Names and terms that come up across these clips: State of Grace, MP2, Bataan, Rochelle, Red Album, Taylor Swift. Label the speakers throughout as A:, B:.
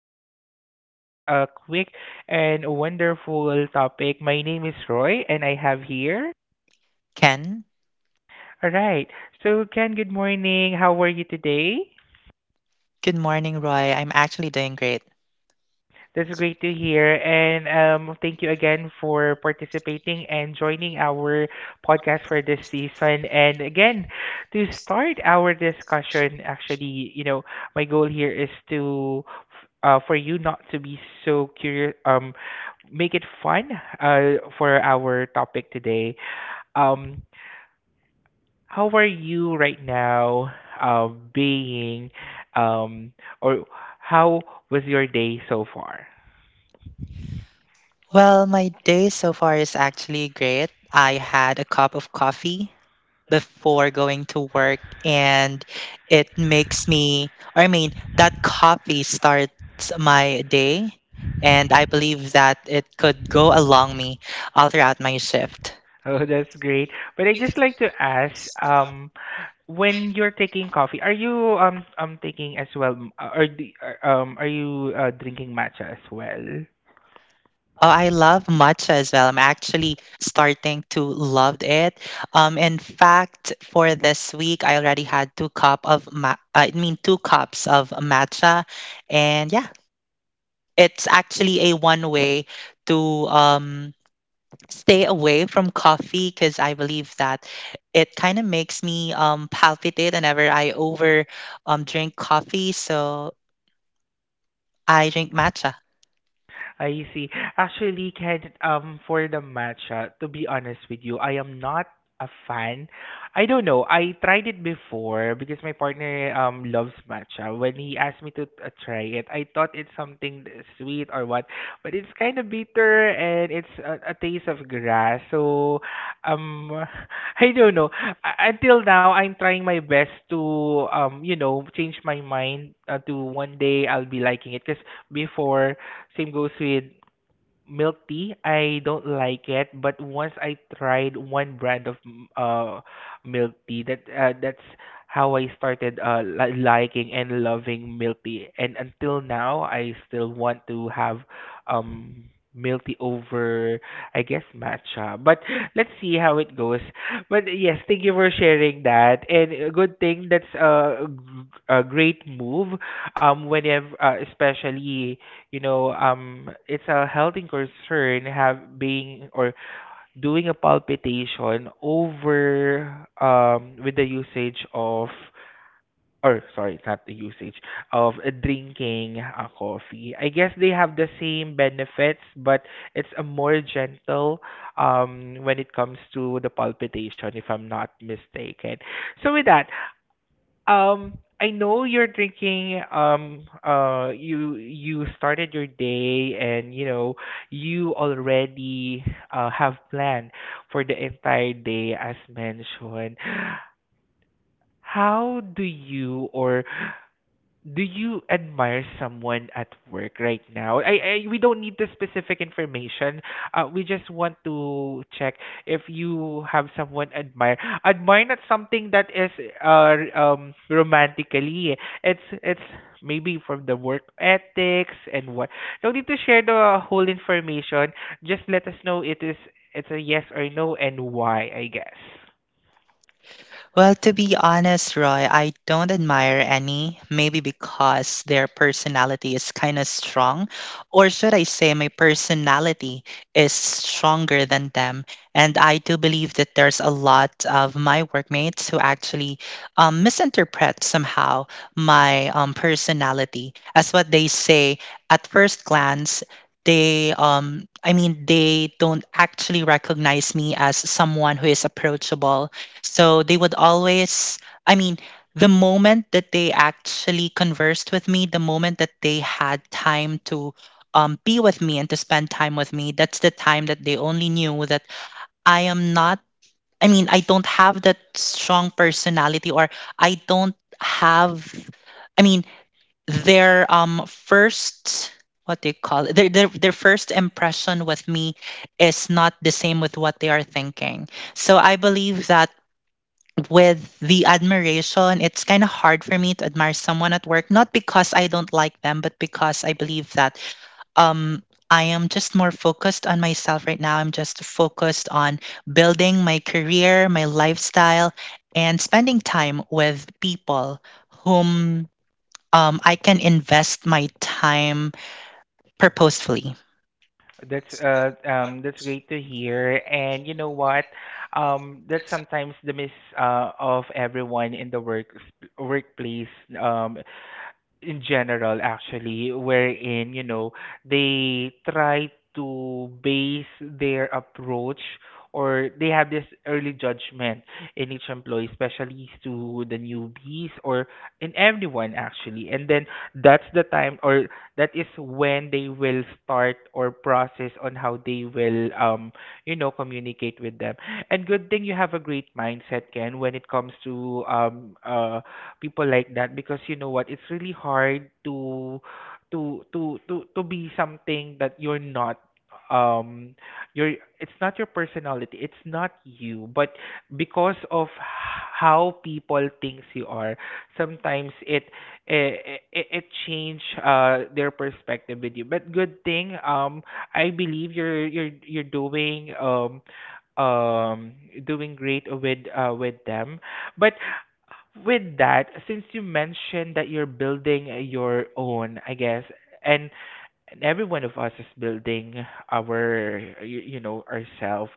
A: discussing to you a quick and wonderful topic. My name is Roy and I have here.
B: Ken.
A: All right. So, Ken, good morning. How are you today?
B: Good morning, Roy. I'm actually doing great.
A: That's great to hear. And thank you again for participating and joining our podcast for this season. And again, to start our discussion, actually, my goal here is to, for you not to be so curious, make it fun, for our topic today. Um, how are you right now, uh, being, um, or how was your day so far?
B: Well, my day so far is actually great. I had a cup of coffee before going to work, and it makes me or I mean that coffee starts my day, and I believe that it could go along me all throughout my shift.
A: Oh, that's great. But I just like to ask, um, when you're taking coffee, are you taking as well, or do, are you drinking matcha as well?
B: Oh, I love matcha as well. I'm actually starting to love it. In fact, for this week, I already had two cups of matcha, and yeah, it's actually a one way to stay away from coffee because I believe that it kind of makes me palpitate whenever I over drink coffee. So I drink matcha.
A: I see. Actually, Ken, for the matcha, to be honest with you, I am not a fan. I don't know. I tried it before because my partner loves matcha. When he asked me to try it, I thought it's something sweet or what, but it's kind of bitter and it's a taste of grass. So, um, I don't know. Until now, I'm trying my best to change my mind, to one day I'll be liking it. Because before same goes with milk tea. I don't like it, but once I tried one brand of milk tea, that's how I started liking and loving milk tea. And until now, I still want to have um milk tea over, I guess, matcha. But let's see how it goes. But yes, thank you for sharing that. And a good thing that's a great move. Whenever, especially it's a health concern have being or doing a palpitation over with the usage of, or sorry, it's not the usage of drinking a coffee. I guess they have the same benefits, but it's a more gentle when it comes to the palpitation, if I'm not mistaken. So with that, I know you're drinking. You started your day, and you know you already have planned for the entire day, as mentioned. How do you, or do you admire someone at work right now? I we don't need the specific information. We just want to check if you have someone admire. Admire not something that is romantically. It's maybe from the work ethics and what. No need to share the whole information. Just let us know it's a yes or no and why, I guess.
B: Well, to be honest, Roy, I don't admire any, maybe because their personality is kind of strong. Or should I say, my personality is stronger than them. And I do believe that there's a lot of my workmates who actually misinterpret somehow my personality. As what they say, at first glance, they I mean they don't actually recognize me as someone who is approachable, so they would always, I mean, the moment that they actually conversed with me, the moment that they had time to be with me and to spend time with me, that's the time that they only knew that I am not, I don't have that strong personality, or I don't have, I mean, their first. What they call it, their, their first impression with me is not the same with what they are thinking. So I believe that with the admiration, it's kind of hard for me to admire someone at work, not because I don't like them, but because I believe that um, I am just more focused on myself right now. I'm just focused on building my career, my lifestyle, and spending time with people whom I can invest my time purposefully.
A: That's great to hear. And you know what? That's sometimes the miss of everyone in the workplace. Um in general actually, wherein you know they try to base their approach, or they have this early judgment in each employee, especially to the newbies or in everyone actually. And then that's the time, or that is when they will start or process on how they will communicate with them. And good thing you have a great mindset, Ken, when it comes to people like that. Because you know what, it's really hard to be something that you're not. Um your It's not your personality, it's not you. But because of how people thinks you are, sometimes it change their perspective with you. But good thing, I believe you're um doing great with them. But with that, since you mentioned that you're building, your own, I guess, and every one of us is building ourself,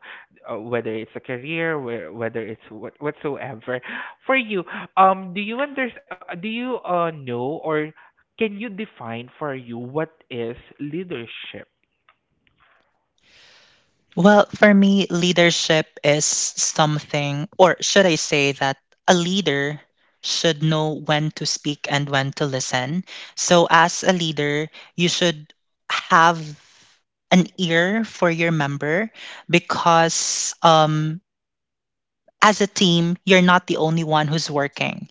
A: whether it's a career, whether it's what whatsoever. For you, do you do you know, or can you define for you what is leadership?
B: Well, for me, leadership is something, or should I say that a leader should know when to speak and when to listen. So, as a leader, you should have an ear for your member because as a team, you're not the only one who's working.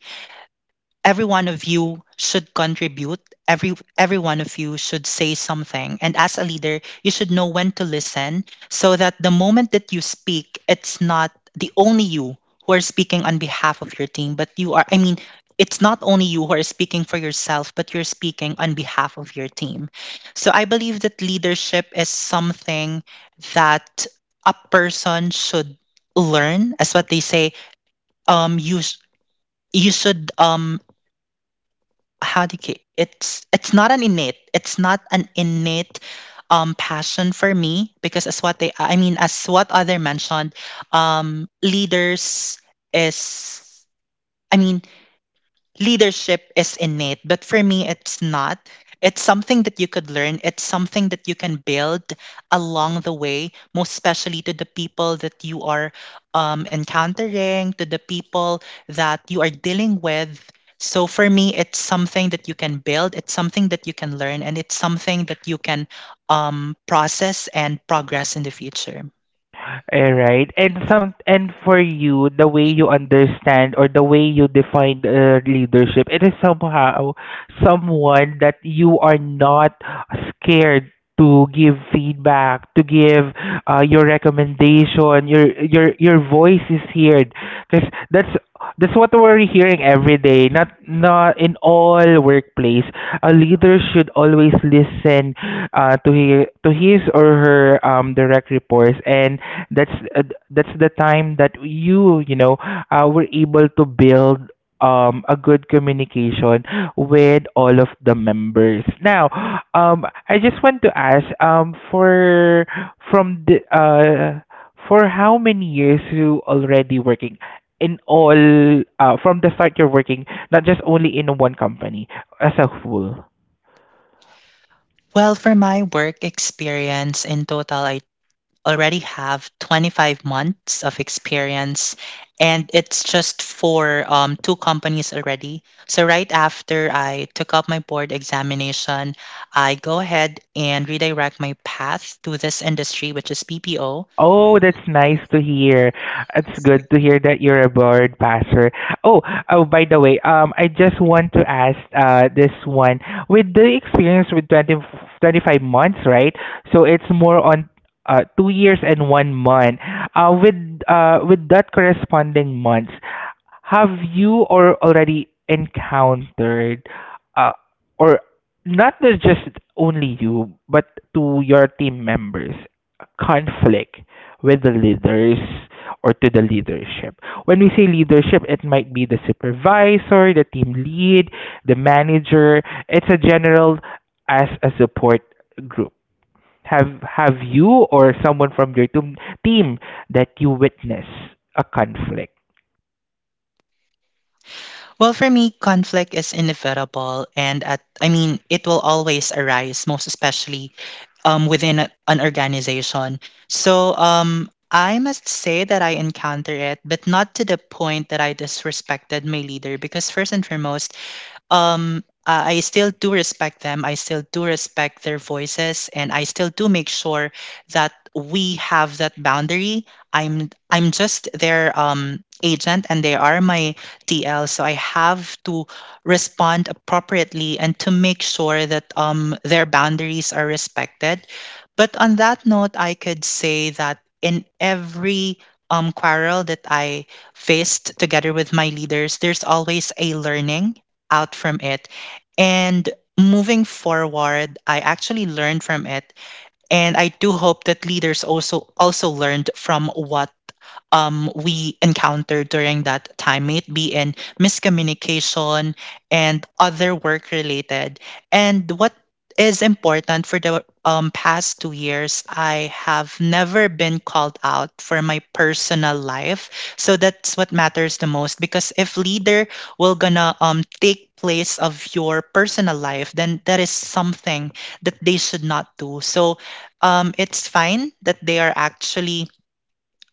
B: Every one of you should contribute. Every one of you should say something, and as a leader, you should know when to listen, so that the moment that you speak, it's not the only you who are speaking on behalf of your team, but you are, it's not only you who are speaking for yourself, but you're speaking on behalf of your team. So I believe that leadership is something that a person should learn. As what they say, um you sh- you should, how do you, it's not an innate, it's not an innate passion for me, because as what other mentioned, leaders is, I mean leadership is innate, but for me, it's not. It's something that you could learn. It's something that you can build along the way, most especially to the people that you are encountering, to the people that you are dealing with. So for me, it's something that you can build, it's something that you can learn, and it's something that you can process and progress in the future.
A: All right. And for you, the way you understand or the way you define leadership, it is somehow someone that you are not scared to give feedback, to give your recommendation. Your voice is heard, because that's what we're hearing every day. Not in all workplace. A leader should always listen, to his or her direct reports, and that's uh, that's the time that you know were able to build a good communication with all of the members. Now, I just want to ask for from the for how many years you already working in all, from the start you're working, not just only in one company as a whole.
B: Well, for my work experience in total, I already have 25 months of experience, and it's just for two companies already. So right after I took up my board examination, I go ahead and redirect my path to this industry, which is BPO.
A: Oh, that's nice to hear. It's good to hear that you're a board passer. Oh, oh, by the way, I just want to ask this one. With the experience with 20 25 months, right? So it's more on 2 years and 1 month. Uh, with with that corresponding months, have you or already encountered, uh or not just only you but to your team members, conflict with the leaders or to the leadership? When we say leadership, it might be the supervisor, the team lead, the manager. It's a general, as a support group. Have you or someone from your team that you witness a conflict?
B: Well, for me, conflict is inevitable, and at I mean it will always arise, most especially within an organization. So I must say that I encounter it, but not to the point that I disrespected my leader because, first and foremost, I still do respect them. I still do respect their voices, and I still do make sure that we have that boundary. I'm just their agent, and they are my TL. So I have to respond appropriately and to make sure that their boundaries are respected. But on that note, I could say that in every quarrel that I faced together with my leaders, there's always a learning out from it. And moving forward, I actually learned from it. And I do hope that leaders also learned from what we encounter during that time, may it be in miscommunication and other work related. And what is important, for the past 2 years, I have never been called out for my personal life. So that's what matters the most, because if leader will gonna take place of your personal life, then that is something that they should not do. So it's fine that they are actually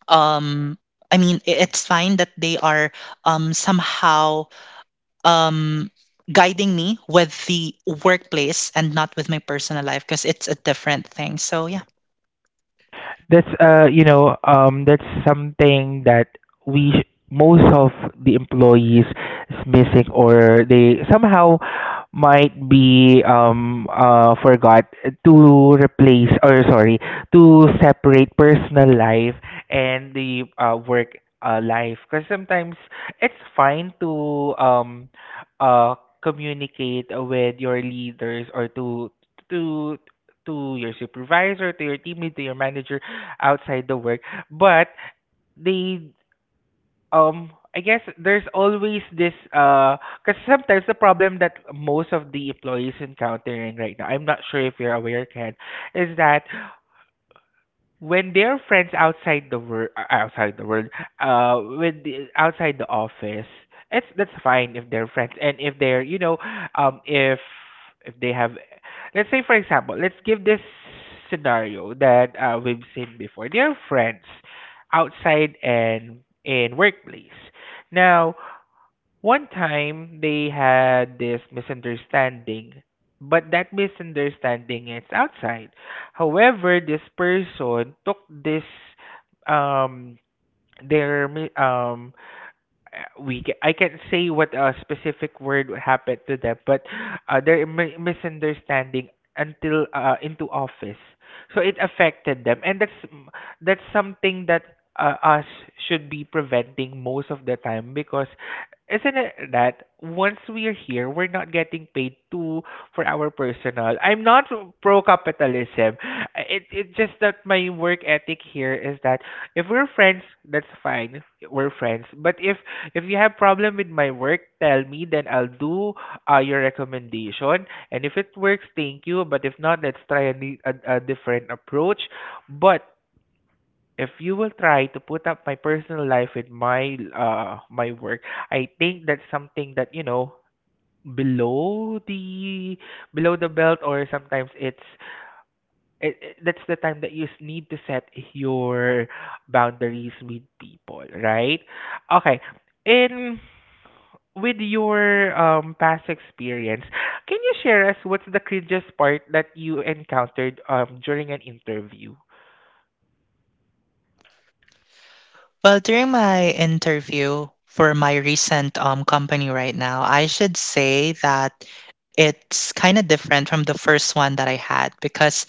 B: um it's fine that they are somehow um guiding me with the workplace and not with my personal life, because it's a different thing, so yeah.
A: That's something that, we sh- most of the employees is missing, or they somehow might be forgot to replace, or sorry, to separate personal life and the work life. Because sometimes it's fine to uh communicate with your leaders, or to to your supervisor, to your team lead, to your manager outside the work. But they I guess there's always this because sometimes the problem that most of the employees encountering right now, I'm not sure if you're aware, Ken, is that when they're friends outside the world, when the, outside the office, it's that's fine if they're friends, and if they're you know, if they have. Let's say for example, let's give this scenario that we've seen before. They're friends outside and in workplace. Now, one time they had this misunderstanding, but that misunderstanding is outside. However, this person took this um their mi- we ca- I can't say what specific word happened to them, but misunderstanding until into office, so it affected them. And that's something that us should be preventing most of the time, because isn't it that once we are here, we're not getting paid to for our personal. I'm not pro capitalism. It just that my work ethic here is that if we're friends, that's fine. We're friends. But if you have problem with my work, tell me, then I'll do your recommendation. And if it works, thank you. But if not, let's try a different approach. But if you will try to put up my personal life with my work, I think that's something that, you know, below the below the belt. Or sometimes it's, that's the time that you need to set your boundaries with people, right? Okay. In with your past experience, can you share us what's the cringiest part that you encountered during an interview?
B: Well, during my interview for my recent company right now, I should say that it's kind of different from the first one that I had, because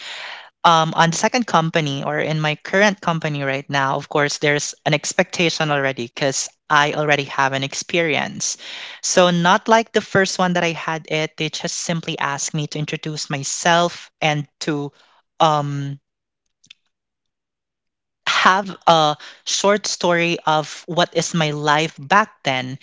B: on second company, or in my current company right now, of course, there's an expectation already because I already have an experience. So, not like the first one that I had it, they just simply asked me to introduce myself and to um, have a short story of what is my life back then,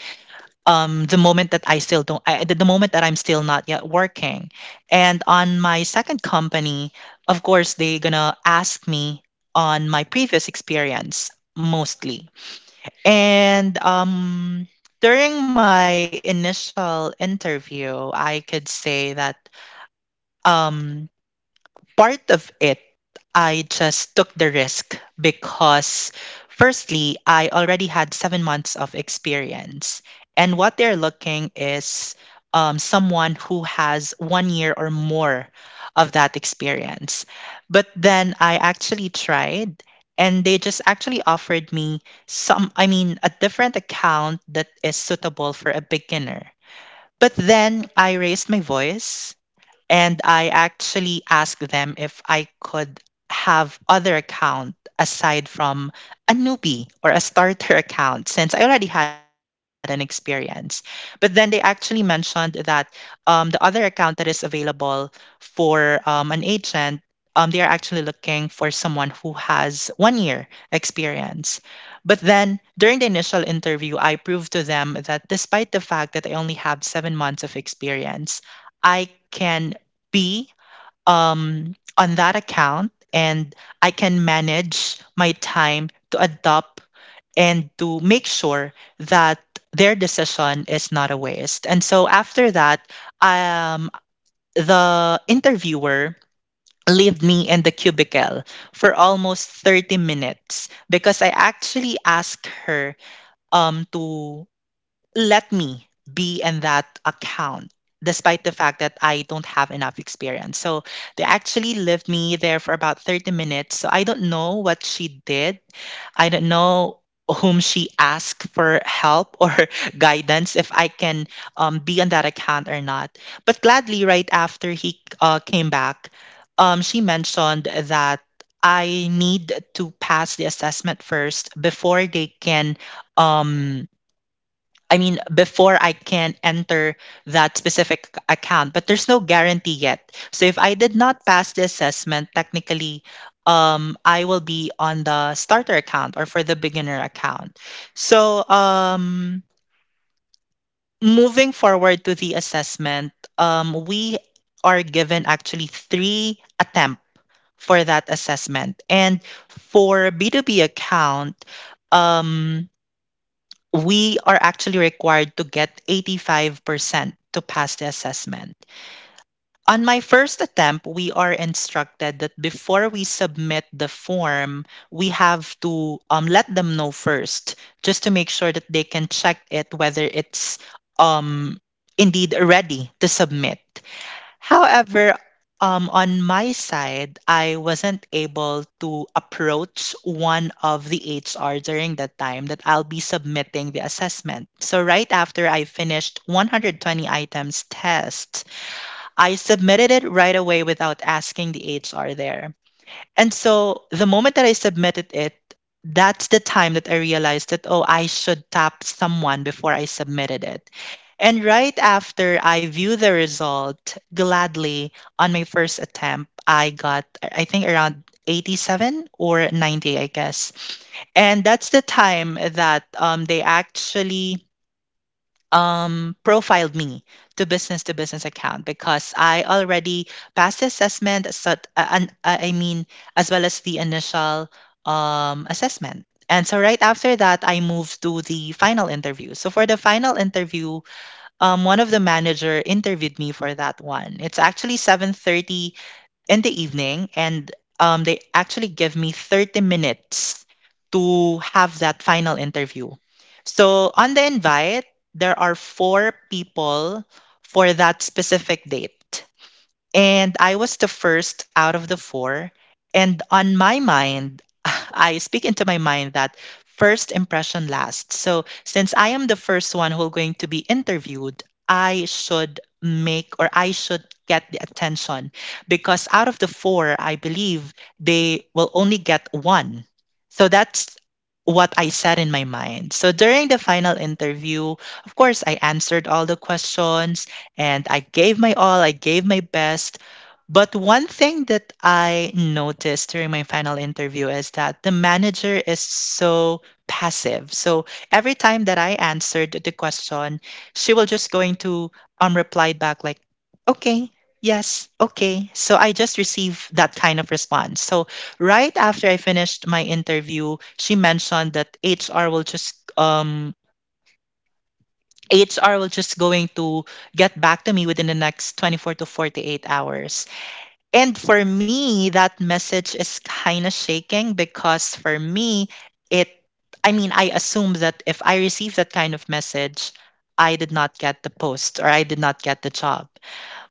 B: the moment that I still don't, I, the moment that I'm still not yet working. And on my second company, of course, they gonna ask me on my previous experience mostly. And during my initial interview, I could say that um, part of it, I just took the risk because, firstly, I already had 7 months of experience. And what they're looking is someone who has 1 year or more of that experience. But then I actually tried, and they just actually offered me a different account that is suitable for a beginner. But then I raised my voice, and I actually asked them if I could have other account aside from a newbie or a starter account, since I already had an experience. But then they actually mentioned that the other account that is available for an agent, they are actually looking for someone who has 1 year experience. But then during the initial interview, I proved to them that despite the fact that I only have 7 months of experience, I can be on that account, and I can manage my time to adopt and to make sure that their decision is not a waste. And so after that, um, the interviewer leave me in the cubicle for almost 30 minutes, because I actually asked her to let me be in that account despite the fact that I don't have enough experience. So they actually left me there for about 30 minutes. So I don't know what she did. I don't know whom she asked for help or guidance if I can be on that account or not. But gladly, right after he came back, she mentioned that I need to pass the assessment first before they can, um, before I can enter that specific account, but there's no guarantee yet. So if I did not pass the assessment, technically, I will be on the starter account or for the beginner account. So moving forward to the assessment, we are given actually three attempts for that assessment. And for B2B account, um, we are actually required to get 85% to pass the assessment. On my first attempt, we are instructed that before we submit the form, we have to let them know first, just to make sure that they can check it whether it's um, indeed ready to submit. However, on my side, I wasn't able to approach one of the HR during the time that I'll be submitting the assessment. So, right after I finished 120 items test, I submitted it right away without asking the HR there. And so the moment that I submitted it, that's the time that I realized that, oh, I should tap someone before I submitted it. And right after I view the result, gladly, on my first attempt, I got, I think, around 87 or 90, I guess. And that's the time that they actually profiled me to business account because I already passed the assessment. So, as well as the initial assessment. And so right after that, I moved to the final interview. So for the final interview, one of the manager interviewed me for that one. It's actually 7:30 in the evening and they actually give me 30 minutes to have that final interview. So on the invite, there are four people for that specific date and I was the first out of the four. And on my mind, I speak into my mind that first impression lasts. So since I am the first one who going to be interviewed, I should make or I should get the attention because out of the four, I believe they will only get one. So that's what I said in my mind. So during the final interview, of course, I answered all the questions and I gave my all, I gave my best. But one thing that I noticed during my final interview is that the manager is so passive. So every time that I answered the question, she will just going to reply back like, okay, yes, okay. So I just received that kind of response. So right after I finished my interview, she mentioned that HR will just going to get back to me within the next 24 to 48 hours. And for me, that message is kind of shaking because for me, it, I mean, I assume that if I receive that kind of message, I did not get the post or I did not get the job.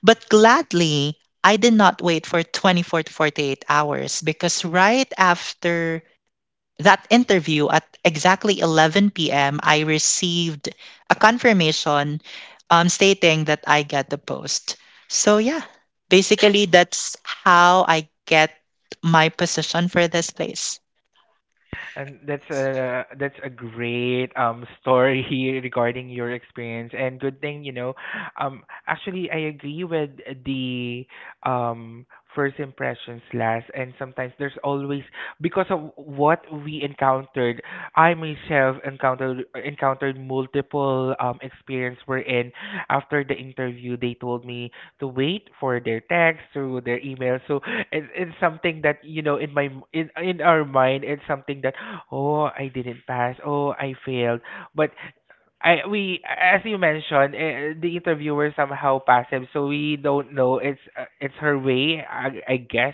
B: But gladly, I did not wait for 24 to 48 hours because right after that interview at exactly 11 p.m., I received a confirmation stating that I get the post. So, yeah, basically, that's how I get my position for this place.
A: And that's a great story regarding your experience. And good thing you know, actually I agree with the um first impressions last. And sometimes there's always because of what we encountered, I myself encountered multiple experience, wherein after the interview they told me to wait for their text through their email. So it's something that, you know, in my in our mind, it's something that, oh I didn't pass, oh I failed. But I we as you mentioned, the interviewer somehow passive, so we don't know. It's her way, I guess,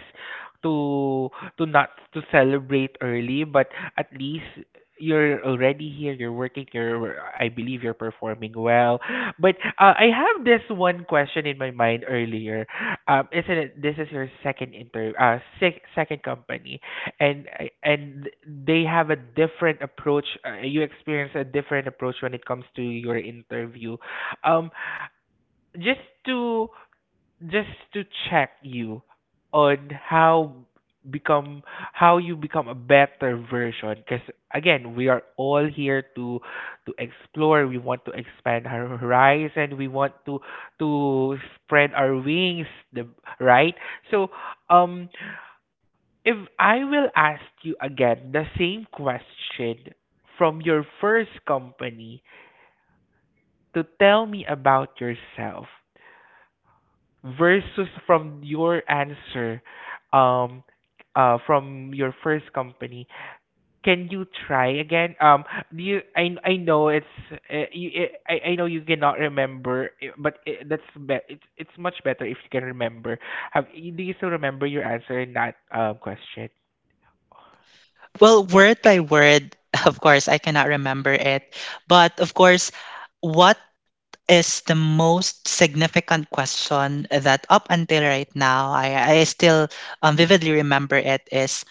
A: to not to celebrate early, but at least you're already here. You're working. You're I believe you're performing well. But I have this one question in my mind earlier. Isn't it? This is your second second company, and they have a different approach, you experience a different approach when it comes to your interview, um just to just to check you on become how you become a better version. Because again, we are all here to explore. We want to expand our horizon, we want to to spread our wings, the right. So um if I will ask you again the same question from your first company, to tell me about yourself versus from your answer, um from your first company, can you try again? Do you I know it's you, I know you cannot remember, eh, but it, that's be- it's much better if you can remember. Have do you still remember your answer in that question?
B: Well, word by word, of course, I cannot remember it. But of course, what is the most significant question that up until right now I still vividly remember it is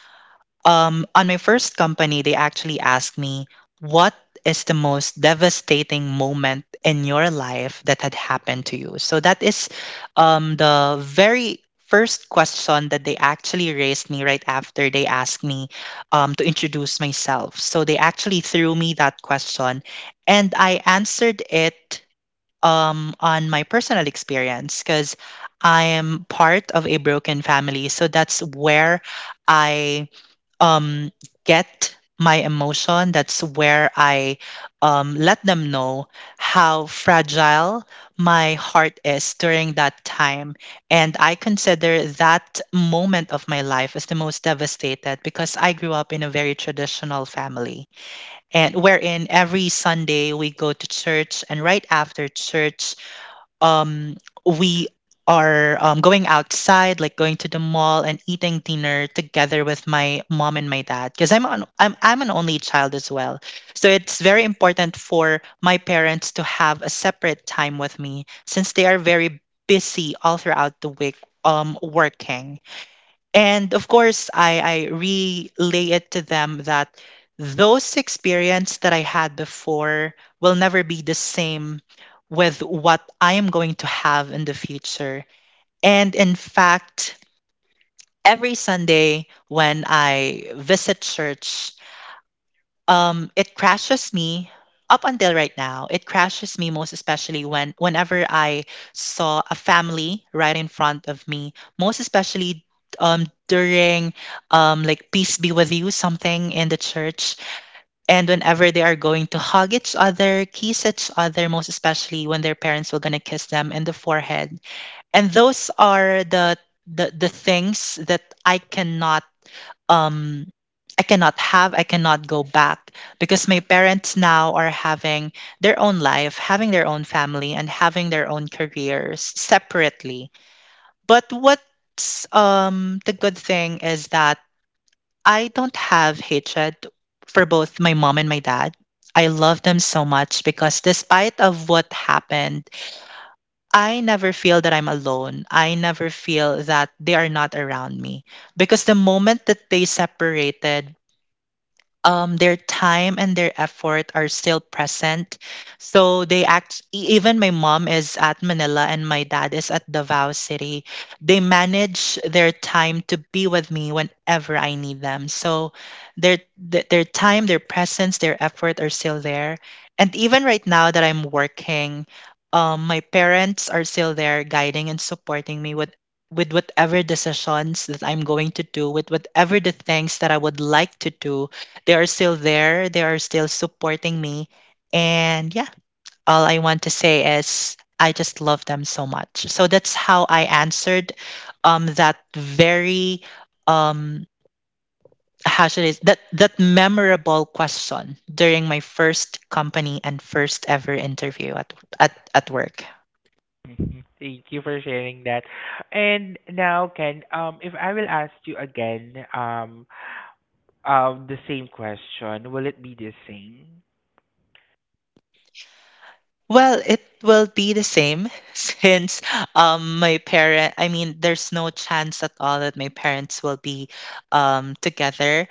B: On my first company, they actually asked me, what is the most devastating moment in your life that had happened to you? So that is the very first question that they actually raised me right after they asked me to introduce myself. So they actually threw me that question and I answered it on my personal experience because I am part of a broken family. So that's where. I um, get my emotion. That's where I let them know how fragile my heart is during that time. And I consider that moment of my life as the most devastated because I grew up in a very traditional family and wherein every Sunday we go to church and right after church um, we are going outside, like going to the mall and eating dinner together with my mom and my dad. Because I'm an only child as well, so it's very important for my parents to have a separate time with me since they are very busy all throughout the week working and of course, I relay it to them that those experience that I had before will never be the same with what I am going to have in the future. And in fact, every Sunday when I visit church, it crashes me up until right now it crashes me most especially when whenever I saw a family right in front of me most especially during like peace be with you something in the church and whenever they are going to hug each other kiss each other most especially when their parents were going to kiss them in the forehead and those are the things that I cannot um I cannot have, I cannot go back because my parents now are having their own life, having their own family, and having their own careers separately. But what's the good thing is that I don't have hatred for both my mom and my dad. I love them so much because despite of what happened, I never feel that I'm alone. I never feel that they are not around me because the moment that they separated their time and their effort are still present. So they even my mom is at Manila and my dad is at Davao City. They manage their time to be with me whenever I need them. So their time, their presence, their effort are still there. And even right now that I'm working, my parents are still there guiding and supporting me with whatever decisions that I'm going to do, with whatever the things that I would like to do they are still there. They are still supporting me. And yeah, all I want to say is I just love them so much. So that's how I answered that very um, how should I s- that that memorable question during my first company and first ever interview at at work.
A: Mhm. Thank you for sharing that. And now, Ken, if I will ask you again, the same question, will it be the same?
B: Well, it will be the same since my parent I mean there's no chance at all that my parents will be together.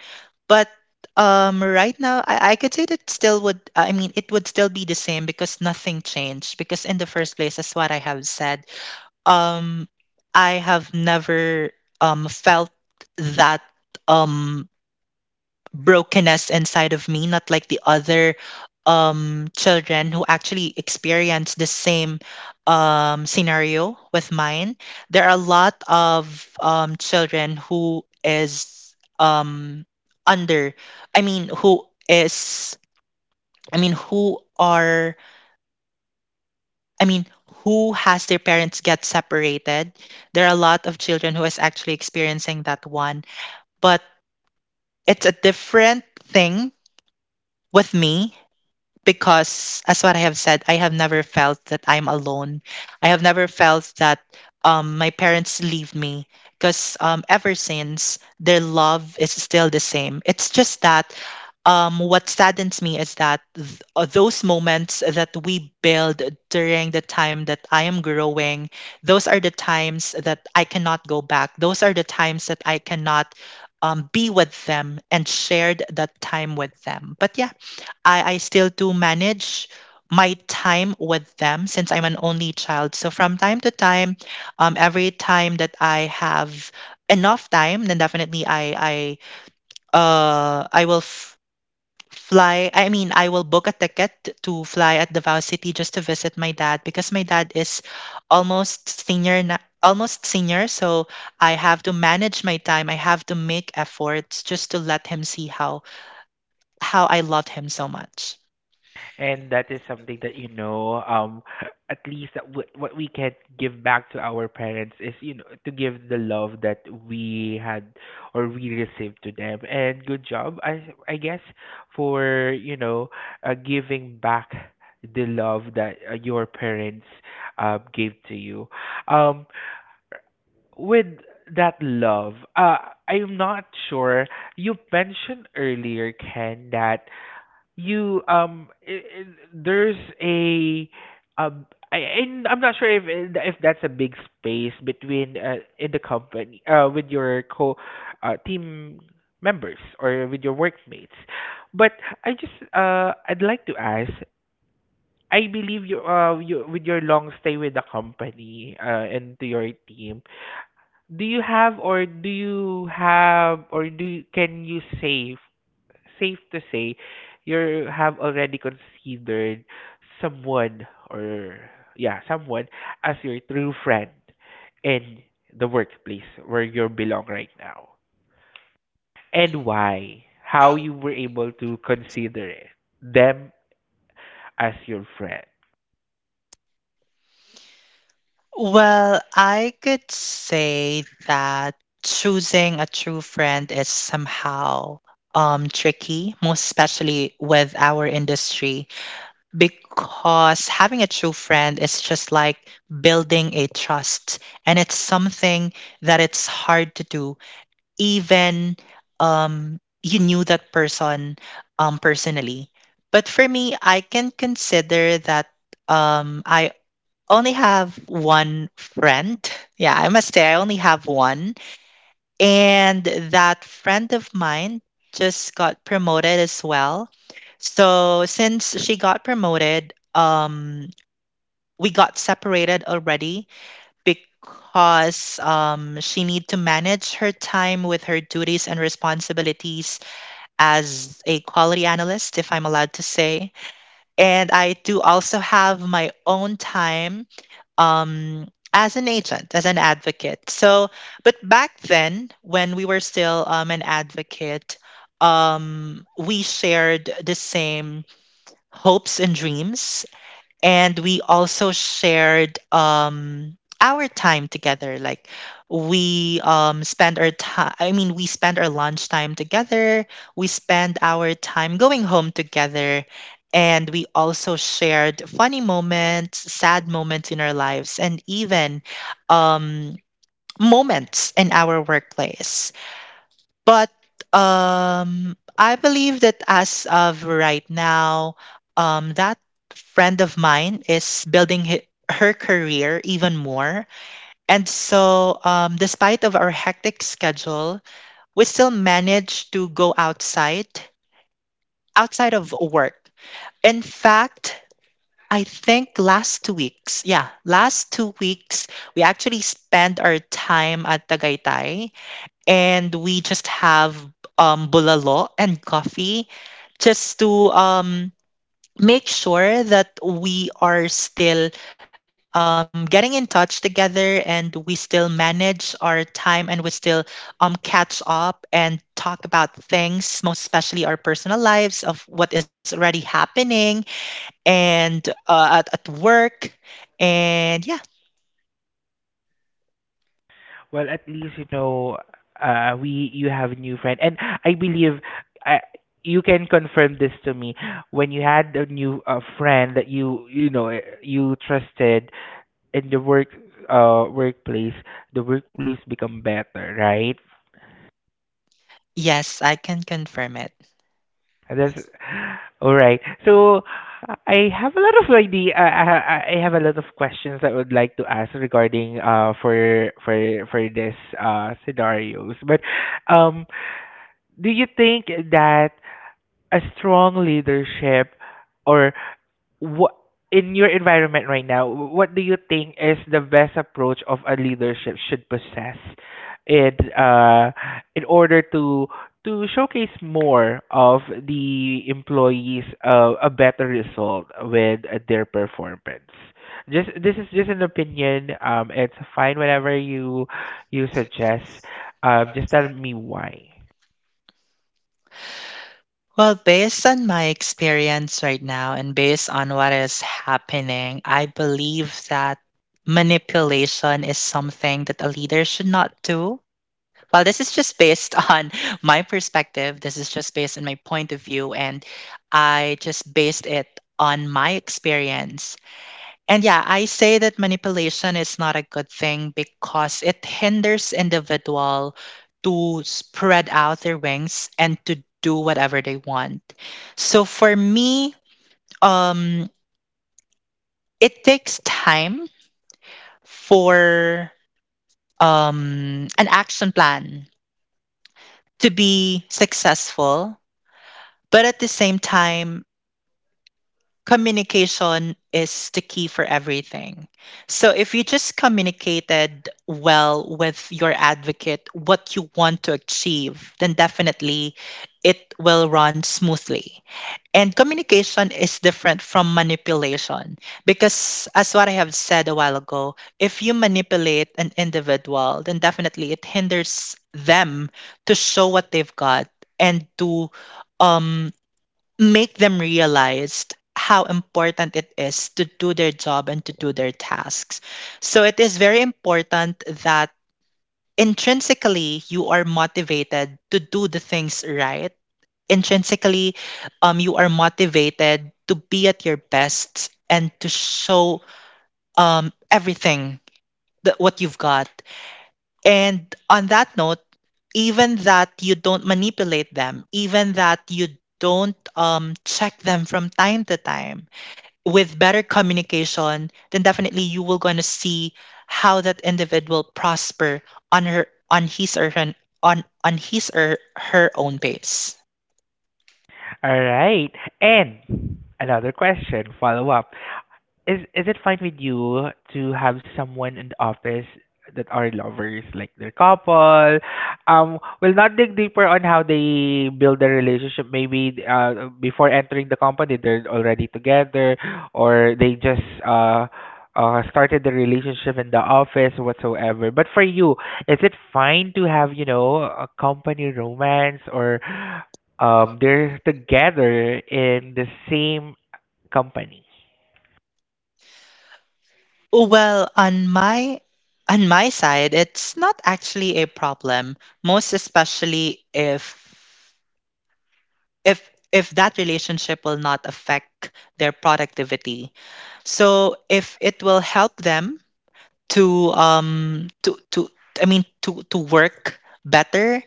B: But right now I could say that still would I mean it would still be the same because nothing changed. Because in the first place, as what I have said, um I have never felt that um brokenness inside of me, not like the other children who actually experience the same scenario with mine. There are a lot of children who is under I mean who is I mean who are I mean who has their parents get separated. There are a lot of children who is actually experiencing that one. But it's a different thing with me because as what I have said, I have never felt that I'm alone. I have never felt that my parents leave me because ever since their love is still the same. It's just that what saddens me is that those moments that we build during the time that I am growing, those are the times that I cannot go back. Those are the times that I cannot be with them and shared that time with them. But yeah, I still do manage my time with them since I'm an only child. So from time to time, every time that I have enough time, then definitely I uh I will f- fly. I mean, I will book a ticket to fly at Davao City just to visit my dad because my dad is almost senior so I have to manage my time I have to make efforts just to let him see how I loved him so much.
A: And that is something that, at least, that what we can give back to our parents is, to give the love that we had or we received to them. And good job, I guess, for, giving back the love that your parents gave to you. Um, with that love, I'm not sure. You mentioned earlier, Ken, that you I there's a um I I'm not sure if that's a big space between, in the company with your co team members or with your workmates. But I just I'd like to ask. I believe you, with your long stay with the company and to your team, do you have or do you have or do you, can you say, safe to say, you have already considered someone, or, yeah, someone as your true friend in the workplace where you belong right now. And why? How you were able to consider it, them, as your friend.
B: Well, I could say that choosing a true friend is somehow tricky, most especially with our industry, because having a true friend is just like building a trust, and it's something that it's hard to do, even you knew that person personally. But for me, I can consider that I only have one friend. Yeah, I must say, I only have one. And that friend of mine just got promoted as well. So since she got promoted, we got separated already because she need to manage her time with her duties and responsibilities as a quality analyst, if I'm allowed to say. And I do also have my own time um, as an agent, as an advocate. So, but back then, when we were still an advocate, we shared the same hopes and dreams and we also shared our time together like we spend our lunch time together we spend our time going home together and we also shared funny moments sad moments in our lives and even um moments in our workplace but I believe that as of right now, that friend of mine is building her career even more. And so, despite of our hectic schedule, we still manage to go outside, outside of work. In fact, I think last two weeks, yeah, last two weeks, we actually spent our time at Tagaytay and we just have bulalo and coffee just to make sure that we are still getting in touch together and we still manage our time and we still catch up and talk about things, most especially our personal lives of what is already happening and at, work. And yeah,
A: Well, at least you know, we you have a new friend, and I believe I you can confirm this to me. When you had a new, friend that you know, eh, you trusted in the, workplace, the workplace become better, right?
B: yes, I can confirm it.
A: That's all right. So I have a lot of idea I have a lot of questions I would like to ask regarding, for this scenarios, but um do you think that a strong leadership, or what, in your environment right now, what do you think is the best approach of a leadership should possess in, uh in order to showcase more of the employees, a better result with their performance? Just, this is just an opinion. It's fine whenever you, suggest. Just tell me why.
B: Well, based on my experience right now and based on what is happening, I believe that manipulation is something that a leader should not do. Well, this is just based on my perspective. This is just based on my point of view. And I just based it on my experience. And yeah, I say that manipulation is not a good thing because it hinders individual to spread out their wings and to do whatever they want. So for me, um, it takes time for an action plan to be successful, but at the same time, communication is the key for everything. So if you just communicated well with your advocate what you want to achieve, then definitely it will run smoothly. And communication is different from manipulation because, as what I have said a while ago, if you manipulate an individual, then definitely it hinders them to show what they've got and to um, make them realize how important it is to do their job and to do their tasks. So it is very important that intrinsically you are motivated to do the things right. Intrinsically, you are motivated to be at your best and to show everything that what you've got. And on that note, even that you don't manipulate them, even that you don't check them from time to time, with better communication, then definitely you will gonna see how that individual prosper on his or her on his or her own pace.
A: All right. And another question, follow up. Is it fine with you to have someone in the office that are lovers, like their couple? We'll not dig deeper on how they build their relationship. Maybe, before entering the company, they're already together, or they just, started the relationship in the office, whatsoever. But for you, is it fine to have, you know, a company romance, or they're together in the same company?
B: Well, on my side, it's not actually a problem, most especially if if that relationship will not affect their productivity. So if it will help them to to work better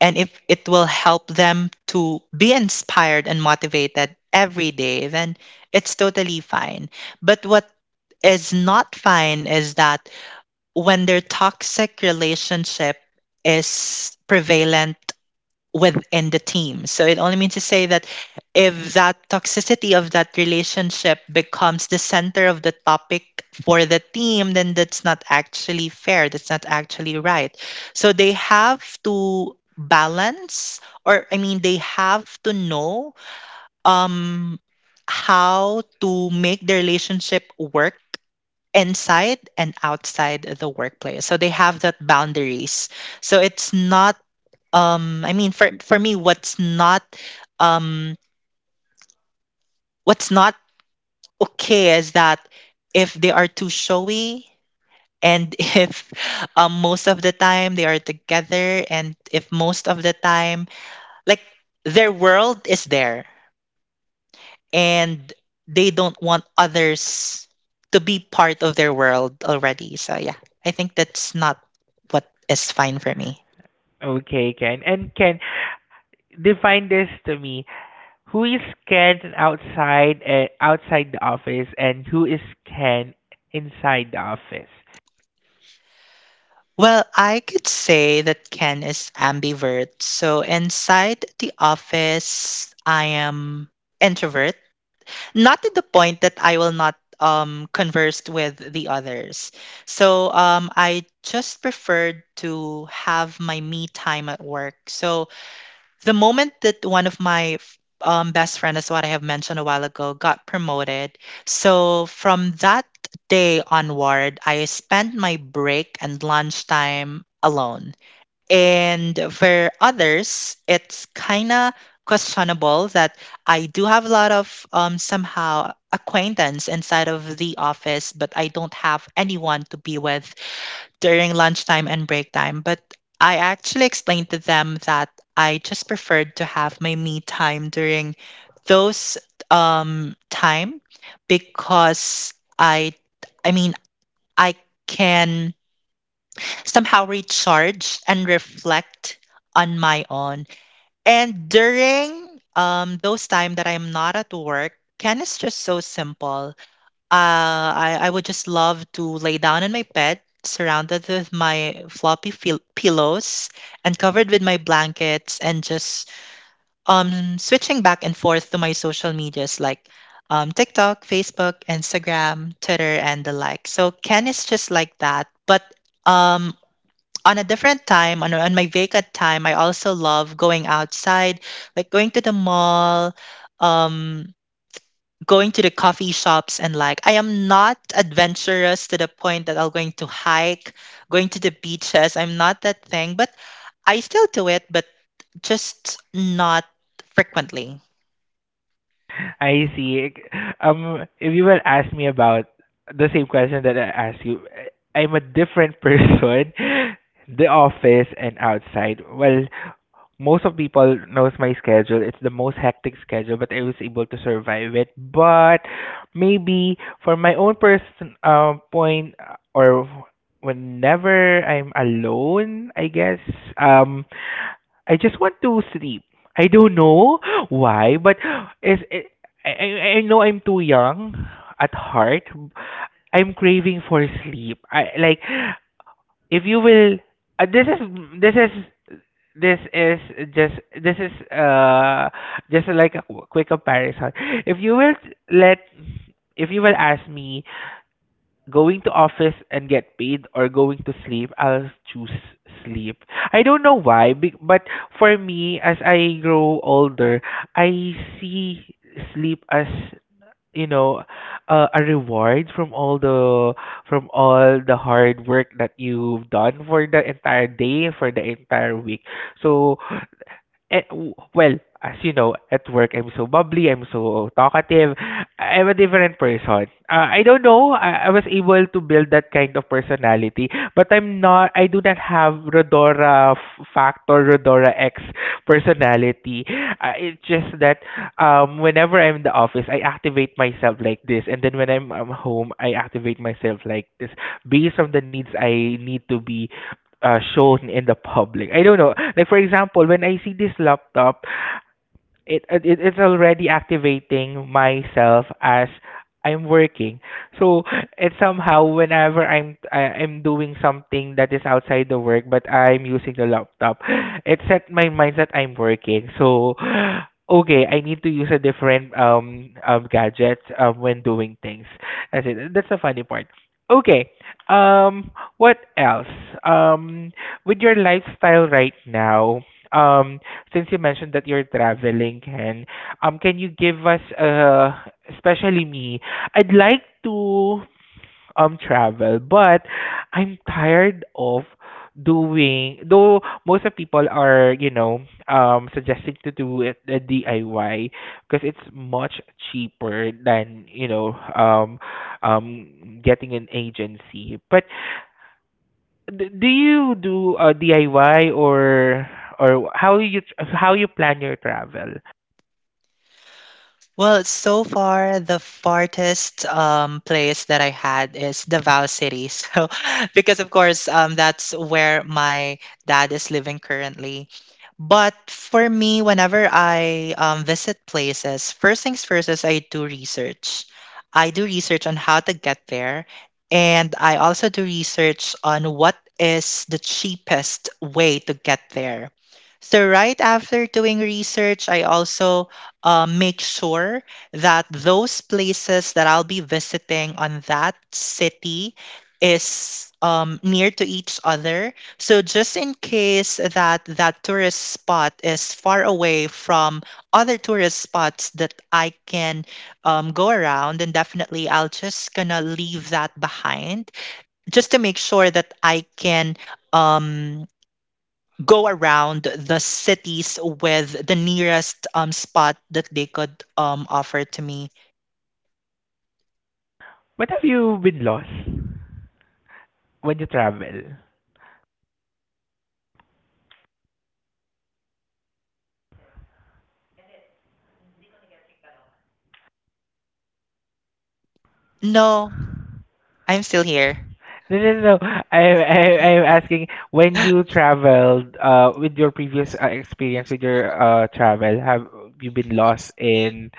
B: and if it will help them to be inspired and motivated every day, then it's totally fine, but what is not fine is that when their toxic relationship is prevalent within the team. So it only means to say that if that toxicity of that relationship becomes the center of the topic for the team, then that's not actually fair. That's not actually right. So they have to balance, or I mean, they have to know um, how to make the relationship work inside and outside the workplace. So they have that boundaries. So it's not I mean, for me, um what's not okay is that if they are too showy and if most of the time they are together, and if most of the time, like, their world is there and they don't want others to be part of their world already. So yeah, I think that's not what is fine for me.
A: Okay, Ken. And Ken, define this to me. Who is Ken outside, outside the office, and who is Ken inside the office?
B: Well, I could say that Ken is ambivert. So inside the office, I am introvert, not to the point that I will not converse with the others. So I just preferred to have my me time at work. So the moment that one of my best friend, as what I have mentioned a while ago, got promoted, so from that day onward, I spent my break and lunchtime alone. And for others, it's kind of questionable that I do have a lot of somehow acquaintance inside of the office, but I don't have anyone to be with during lunchtime and break time, but I actually explained to them that I just preferred to have my me time during those time because I I mean I can somehow recharge and reflect on my own. And during those time that I'm not at work, Ken is just so simple. I would just love to lay down in my bed, surrounded with my floppy pillows and covered with my blankets, and just switching back and forth to my social medias, like, TikTok, Facebook, Instagram, Twitter, and the like. So Ken is just like that, but um. On a different time, on my vacant time, I also love going outside, like going to the mall, um, going to the coffee shops. And, like, I am not adventurous to the point that I'm going to hike, going to the beaches. I'm not that thing, but I still do it, but just not frequently.
A: I see. If you will ask me about the same question that I asked you, eh, I'm a different person. The office and outside. Well, most of people knows my schedule. It's the most hectic schedule, but I was able to survive it. But maybe for my own person, point, or whenever I'm alone, I guess, um I just want to sleep. I don't know why, but, is it, I know I'm too young at heart. I'm craving for sleep. I like, if you will, this is, this is this is just this is uh just like a quick comparison. If you will let, if you will ask me going to office and get paid or going to sleep, I'll choose sleep. I don't know why, but for me, as I grow older, I see sleep as, you know, a reward from all the, hard work that you've done for the entire day, for the entire week. So, eh, well, as you know, at work I'm so bubbly, I'm so talkative. I'm a different person. I don't know. I was able to build that kind of personality, but I'm not. I do not have Rodora factor, Rodora X personality. It's just that, whenever I'm in the office, I activate myself like this, and then when I home, I activate myself like this based on the needs I need to be shown in the public. I don't know. Like for example, when I see this laptop, it's already activating myself as I'm working. So it's somehow, whenever I'm doing something that is outside the work, but I'm using the laptop, it set my mind that I'm working. So, okay, I need to use a different gadget, when doing things. That's it. That's the funny part. Okay. Um, what else? Um, with your lifestyle right now, um, since you mentioned that you're traveling, Ken, can you give us, especially me, I'd like to travel, but I'm tired of doing. Though most of people are, you know, suggesting to do it the DIY, because it's much cheaper than, you know, getting an agency. But do you do, DIY, or how you how you plan your travel?
B: Well, so far the farthest place that I had is Davao City. So, because of course that's where my dad is living currently. But for me, whenever I visit places, first things first is I do research. I do research on how to get there, and I also do research on what is the cheapest way to get there. So right after doing research, I also make sure that those places that I'll be visiting on that city is near to each other. So just in case that that tourist spot is far away from other tourist spots that I can go around, and definitely I'll just gonna leave that behind just to make sure that I can um, go around the cities with the nearest spot that they could offer to me.
A: What, have you been lost when you travel?
B: No, I'm still here.
A: No, no, no. I'm asking, when you traveled, with your previous, experience with your, travel, have you been lost in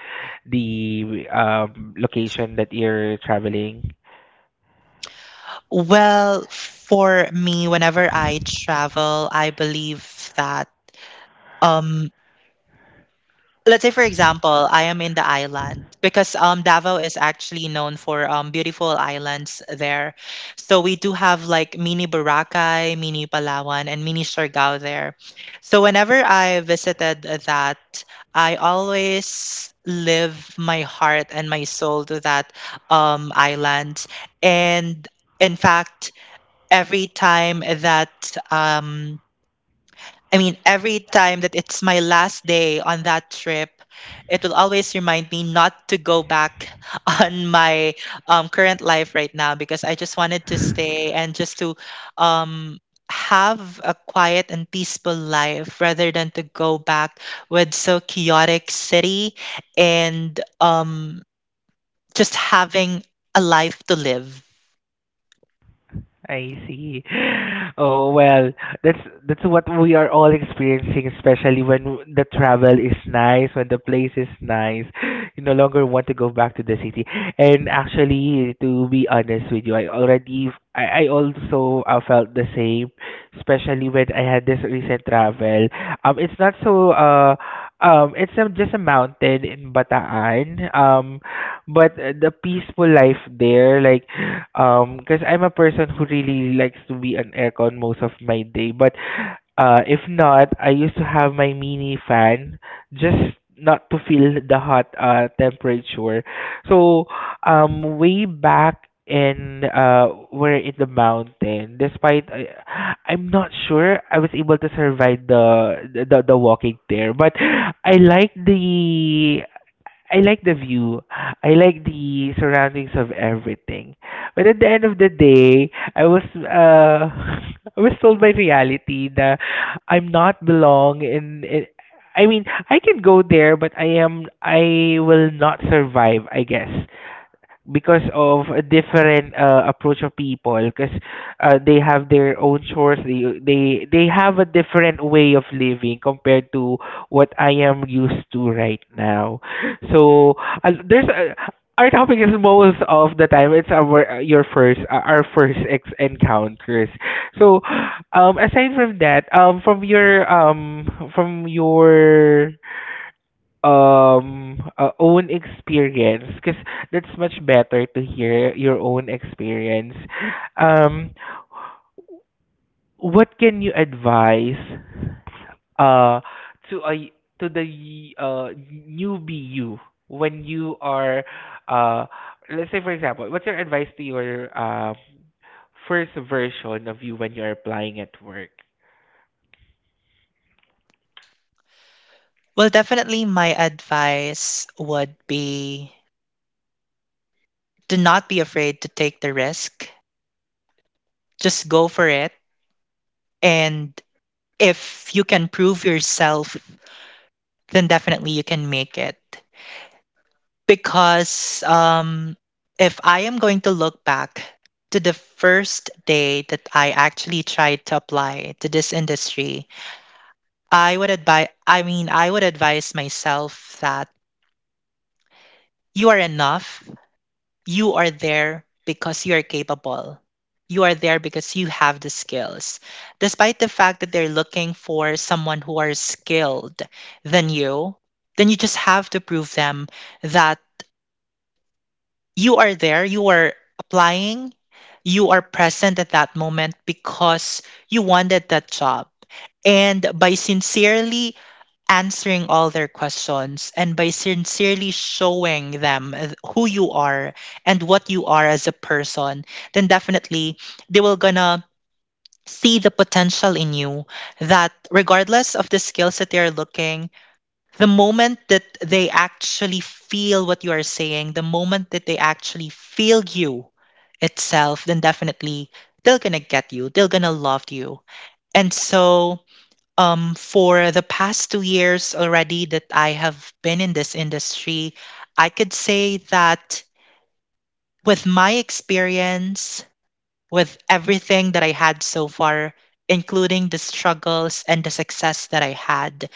A: the, location that you're traveling?
B: Well, for me, whenever I travel, I believe that um let's say for example, I am in the island, because Davao is actually known for beautiful islands there. So we do have, like, mini Boracay, mini Palawan, and mini Siargao there. So whenever I visited that, I always live my heart and my soul to that island. And in fact, every time that um I mean, every time that it's my last day on that trip, it will always remind me not to go back on my current life right now, because I just wanted to stay and just to um, have a quiet and peaceful life rather than to go back with so chaotic city and just having a life to live.
A: I see. Oh, well, that's, what we are all experiencing, especially when the travel is nice, when the place is nice. You no longer want to go back to the city. And actually, to be honest with you, I already, I also felt the same, especially when I had this recent travel. It's not so, it's just a mountain in Bataan. But the peaceful life there, like, because I'm a person who really likes to be on aircon most of my day, but if not, I used to have my mini fan, just not to feel the hot temperature. So, way back in, we're in the mountain. Despite, I, I'm not sure I was able to survive the walking there, but I like the, I like the view. I like the surroundings of everything. But at the end of the day, I was I was told by reality that I'm not belong in it. I mean, I can go there, but I am, I will not survive, I guess, because of a different approach of people, because they have their own chores, they have a different way of living compared to what I am used to right now. So, there's a, our topic is, most of the time it's our your first our first ex encounters. So, aside from that, from your own experience, because that's much better to hear your own experience. um what can you advise, uh to a, to the newbie you, when you are, uh let's say, for example, what's your advice to your first version of you when you're applying at work?
B: Well, definitely my advice would be to not be afraid to take the risk. Just go for it. And if you can prove yourself, then definitely you can make it. Because if I am going to look back to the first day that I actually tried to apply to this industry, I would advise, I mean, I would advise myself that you are enough. You are there because you are capable. You are there because you have the skills. Despite the fact that they're looking for someone who are skilled than you, then you just have to prove them that you are there, you are applying, you are present at that moment because you wanted that job. And by sincerely answering all their questions and by sincerely showing them who you are and what you are as a person, then definitely they will gonna see the potential in you, that regardless of the skills that they are looking, the moment that they actually feel what you are saying, the moment that they actually feel you itself, then definitely they're gonna get you, they're gonna love you. And so for the past 2 years already that I have been in this industry, I could say that with my experience, with everything that I had so far, including the struggles and the success that I had,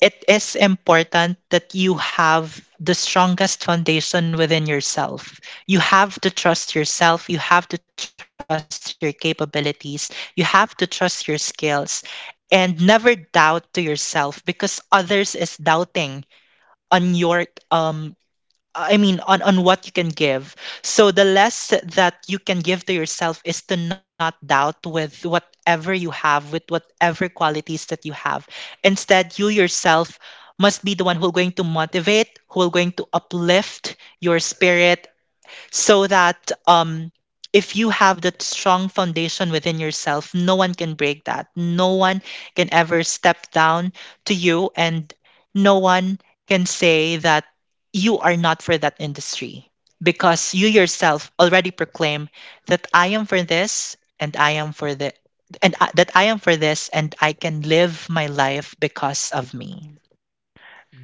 B: it is important that you have the strongest foundation within yourself. You have to trust yourself, you have to trust your capabilities, you have to trust your skills, and never doubt to yourself because others is doubting on your I mean, on what you can give. So the less that you can give to yourself is to not doubt with whatever you have, with whatever qualities that you have. Instead, you yourself must be the one who will going to motivate, who will going to uplift your spirit, so that if you have that strong foundation within yourself, no one can break that. No one can ever step down to you, and no one can say that you are not for that industry because you yourself already proclaim that I am for this, and I am for the, that I am for this, and I can live my life because of me.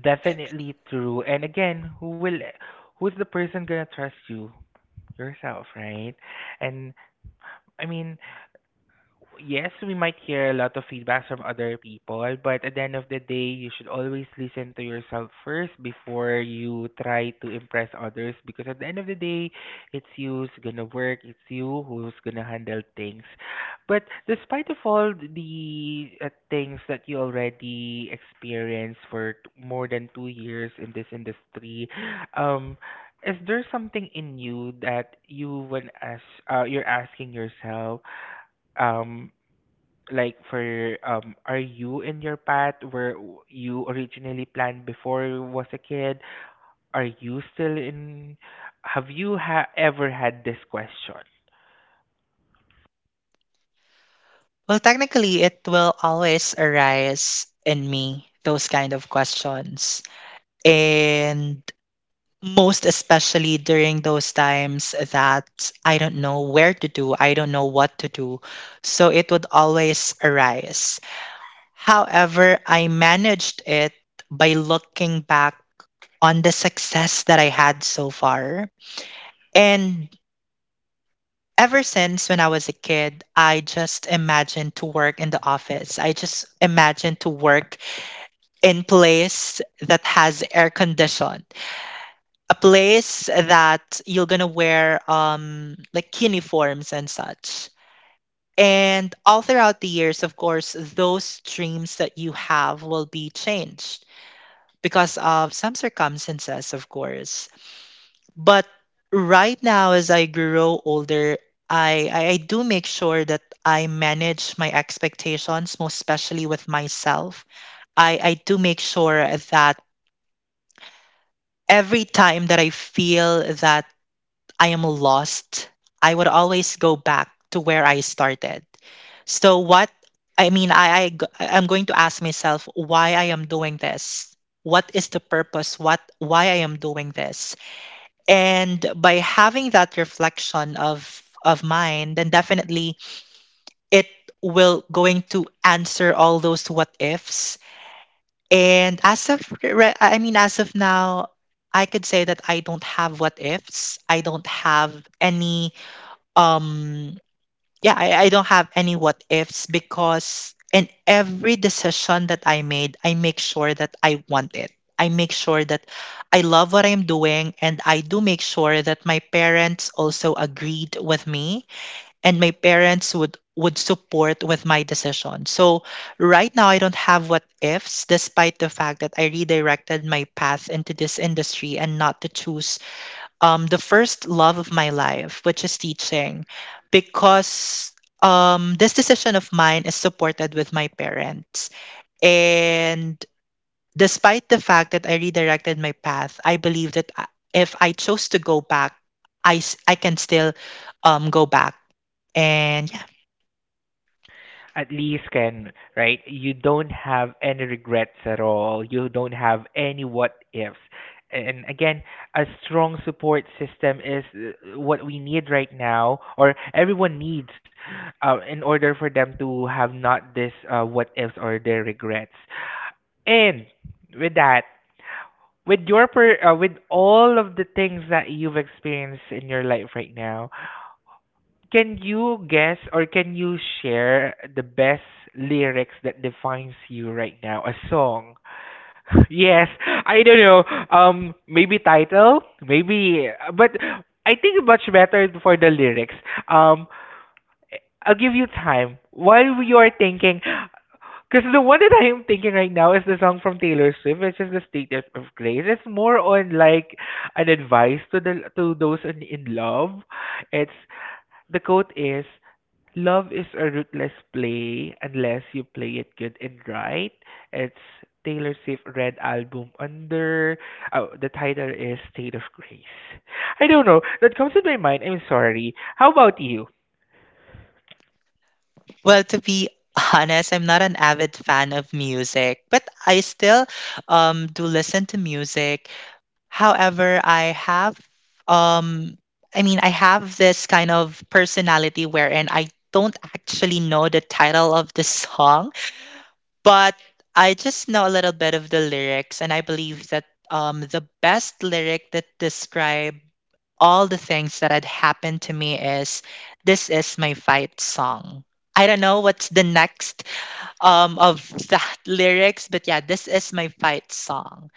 A: Definitely true. And again, who will, who's the person gonna trust you? Yourself, right? And, I mean, yes, we might hear a lot of feedback from other people, but at the end of the day, you should always listen to yourself first before you try to impress others, because at the end of the day, it's you who's gonna work, it's you who's gonna handle things. But despite of all the, things that you already experienced for more than 2 years in this industry, um, is there something in you that you, when ask, you're asking yourself? um like for, are you in your path where you originally planned before you was a kid? Are you still in, have you ever had this question?
B: Well, technically, it will always arise in me, those kind of questions. And most especially during those times that I don't know where to do, I don't know what to do. So it would always arise. However, I managed it by looking back on the success that I had so far. And ever since when I was a kid, I just imagined to work in the office. I just imagined to work in place that has air condition, a place that you're gonna wear like uniforms and such. And all throughout the years, of course, those dreams that you have will be changed because of some circumstances, of course. But right now, as I grow older, I do make sure that I manage my expectations, most especially with myself. I do make sure that every time that I feel that I am lost, I would always go back to where I started. So what I mean, I'm going to ask myself why I am doing this. What is the purpose? What why I am doing this? And by having that reflection of mine, then definitely it will going to answer all those what ifs. And as of now, I could say that I don't have what ifs. I don't have any um yeah, I don't have any what ifs, because in every decision that I made, I make sure that I want it. I make sure that I love what I'm doing, and I do make sure that my parents also agreed with me, and my parents would support with my decision. So right now, I don't have what ifs, despite the fact that I redirected my path into this industry and not to choose the first love of my life, which is teaching, because this decision of mine is supported with my parents. And despite the fact that I redirected my path, I believe that if I chose to go back, I can still go back. And yeah,
A: At least, can right? You don't have any regrets at all, you don't have any what ifs. And again, a strong support system is what we need right now, or everyone needs, in order for them to have not this, what ifs or their regrets. And, with that, with your per, with all of the things that you've experienced in your life right now, can you guess, or can you share the best lyrics that defines you right now? A song. Yes, I don't know. Maybe title, maybe, but I think much better for the lyrics. Um, I'll give you time while you are thinking. Because the one that I am thinking right now is the song from Taylor Swift, which is the State of Grace. It's more on like an advice to the, to those in love. It's, the quote is, "Love is a ruthless play unless you play it good and right." It's Taylor Swift Red Album under, oh, the title is State of Grace. I don't know. That comes to my mind. I'm sorry. How about you?
B: well, to be honest, I'm not an avid fan of music, but I still do listen to music. However, um I have this kind of personality wherein I don't actually know the title of the song, but I just know a little bit of the lyrics, and I believe that the best lyric that describe all the things that had happened to me is this is my fight song. I don't know what's the next of that lyrics, but yeah, this is my fight song.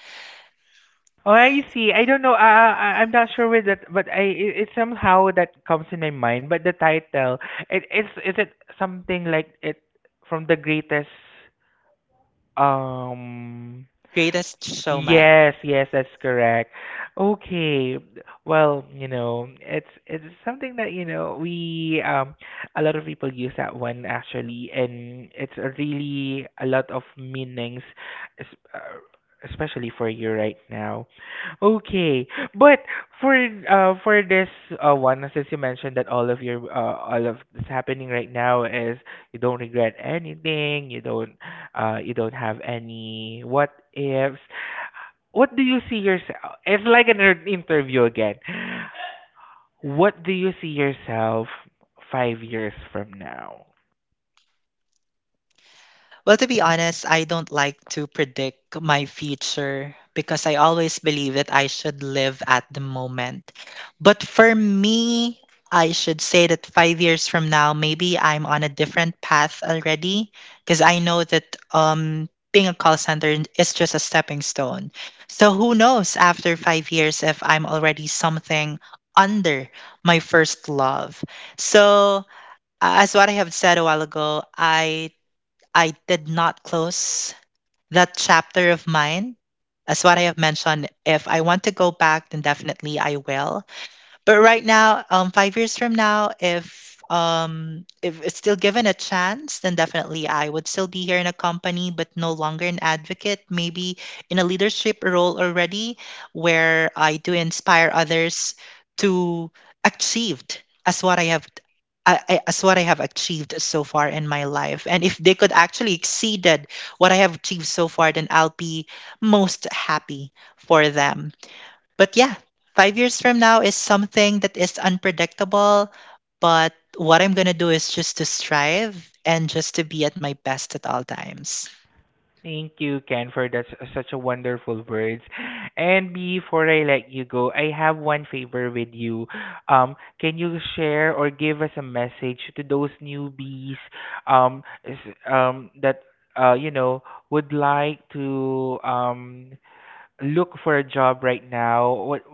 A: Oh, I see. I don't know. I'm not sure with that, but I, it somehow that comes in my mind. But the title, it, it's is it something like it from the greatest, um
B: Greatest showman.
A: Yes, yes, that's correct. Okay. Well, you know, it's something that, you know, we, a lot of people use that one actually, and it's a really a lot of meanings, es- uh, especially for you right now. Okay. But for, for this one, since you mentioned that all of your, all of that's happening right now is you don't regret anything, you don't, you don't have any what ifs. What do you see yourself? It's like an interview again. What do you see yourself 5 years from now?
B: Well, to be honest, I don't like to predict my future because I always believe that I should live at the moment. But for me, I should say that 5 years from now, maybe I'm on a different path already, because I know that being a call center is just a stepping stone. So who knows, after 5 years, if I'm already something under my first love. So, as what I have said a while ago, I did not close that chapter of mine. As what I have mentioned, if I want to go back, then definitely I will. But right now, 5 years from now, if it's still given a chance, then definitely I would still be here in a company, but no longer an advocate. Maybe in a leadership role already, where I do inspire others to achieved as what I have. As what I have achieved so far in my life, and if they could actually exceeded what I have achieved so far, then I'll be most happy for them. But yeah, 5 years from now is something that is unpredictable. But what I'm going to do is just to strive and just to be at my best at all times.
A: Thank you, Ken, for that, such a wonderful words. And before I let you go, I have one favor with you. Can you share or give us a message to those newbies, that, you know, would like to look for a job right now. What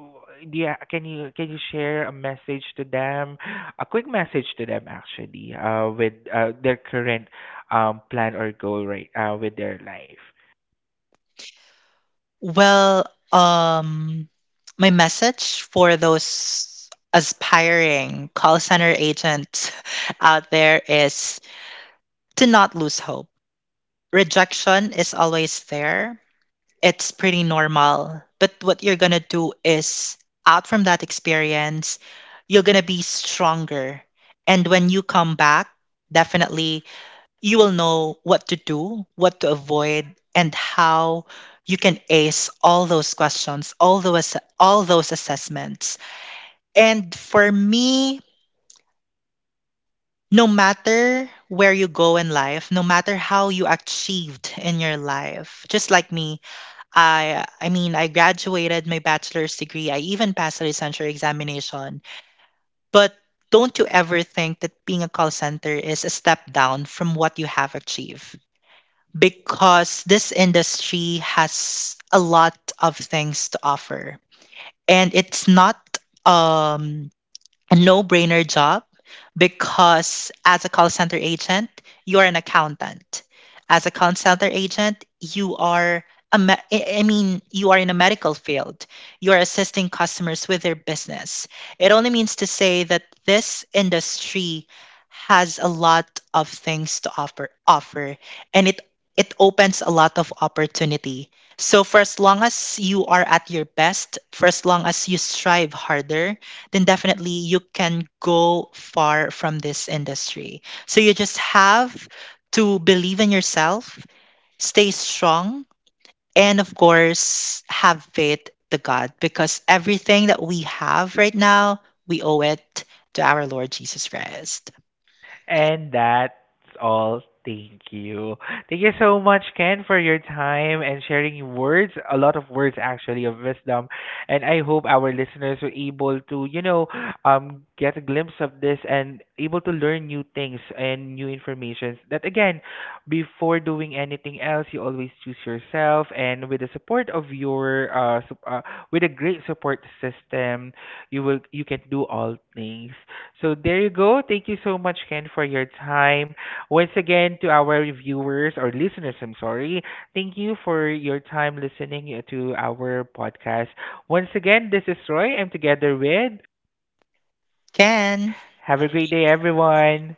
A: do you, can you, can you share a message to them, a quick message to them actually, with their current plan or goal, right, with their life?
B: Well, um, my message for those aspiring call center agents out there is to not lose hope. Rejection is always there, it's pretty normal. But what you're going to do is, out from that experience, you're going to be stronger. And when you come back, definitely you will know what to do, what to avoid, and how you can ace all those questions, all those assessments. And for me, no matter where you go in life, no matter how you achieved in your life, just like me, I mean, I graduated my bachelor's degree. I even passed the licensure examination. But don't you ever think that being a call center is a step down from what you have achieved? Because this industry has a lot of things to offer, and it's not um a no-brainer job, because as a call center agent, you are an accountant. As a call center agent, you are I mean, you are in a medical field. You are assisting customers with their business. It only means to say that this industry has a lot of things to offer, and it opens a lot of opportunity. So for as long as you are at your best, for as long as you strive harder, then definitely you can go far from this industry. So you just have to believe in yourself, stay strong, and of course, have faith to God, because everything that we have right now, we owe it to our Lord Jesus Christ.
A: And that's all. Thank you. Thank you so much, Ken, for your time and sharing words, a lot of words actually of wisdom. And I hope our listeners were able to, you know, get a glimpse of this and able to learn new things and new information. That again, before doing anything else, you always choose yourself, and with the support of your, with a great support system, you, will you can do all things. So there you go. Thank you so much, Ken, for your time. Once again, to our viewers or listeners, I'm sorry. Thank you for your time listening, to our podcast. Once again, this is Roy. I'm together with.
B: Ken.
A: Have a great day, everyone.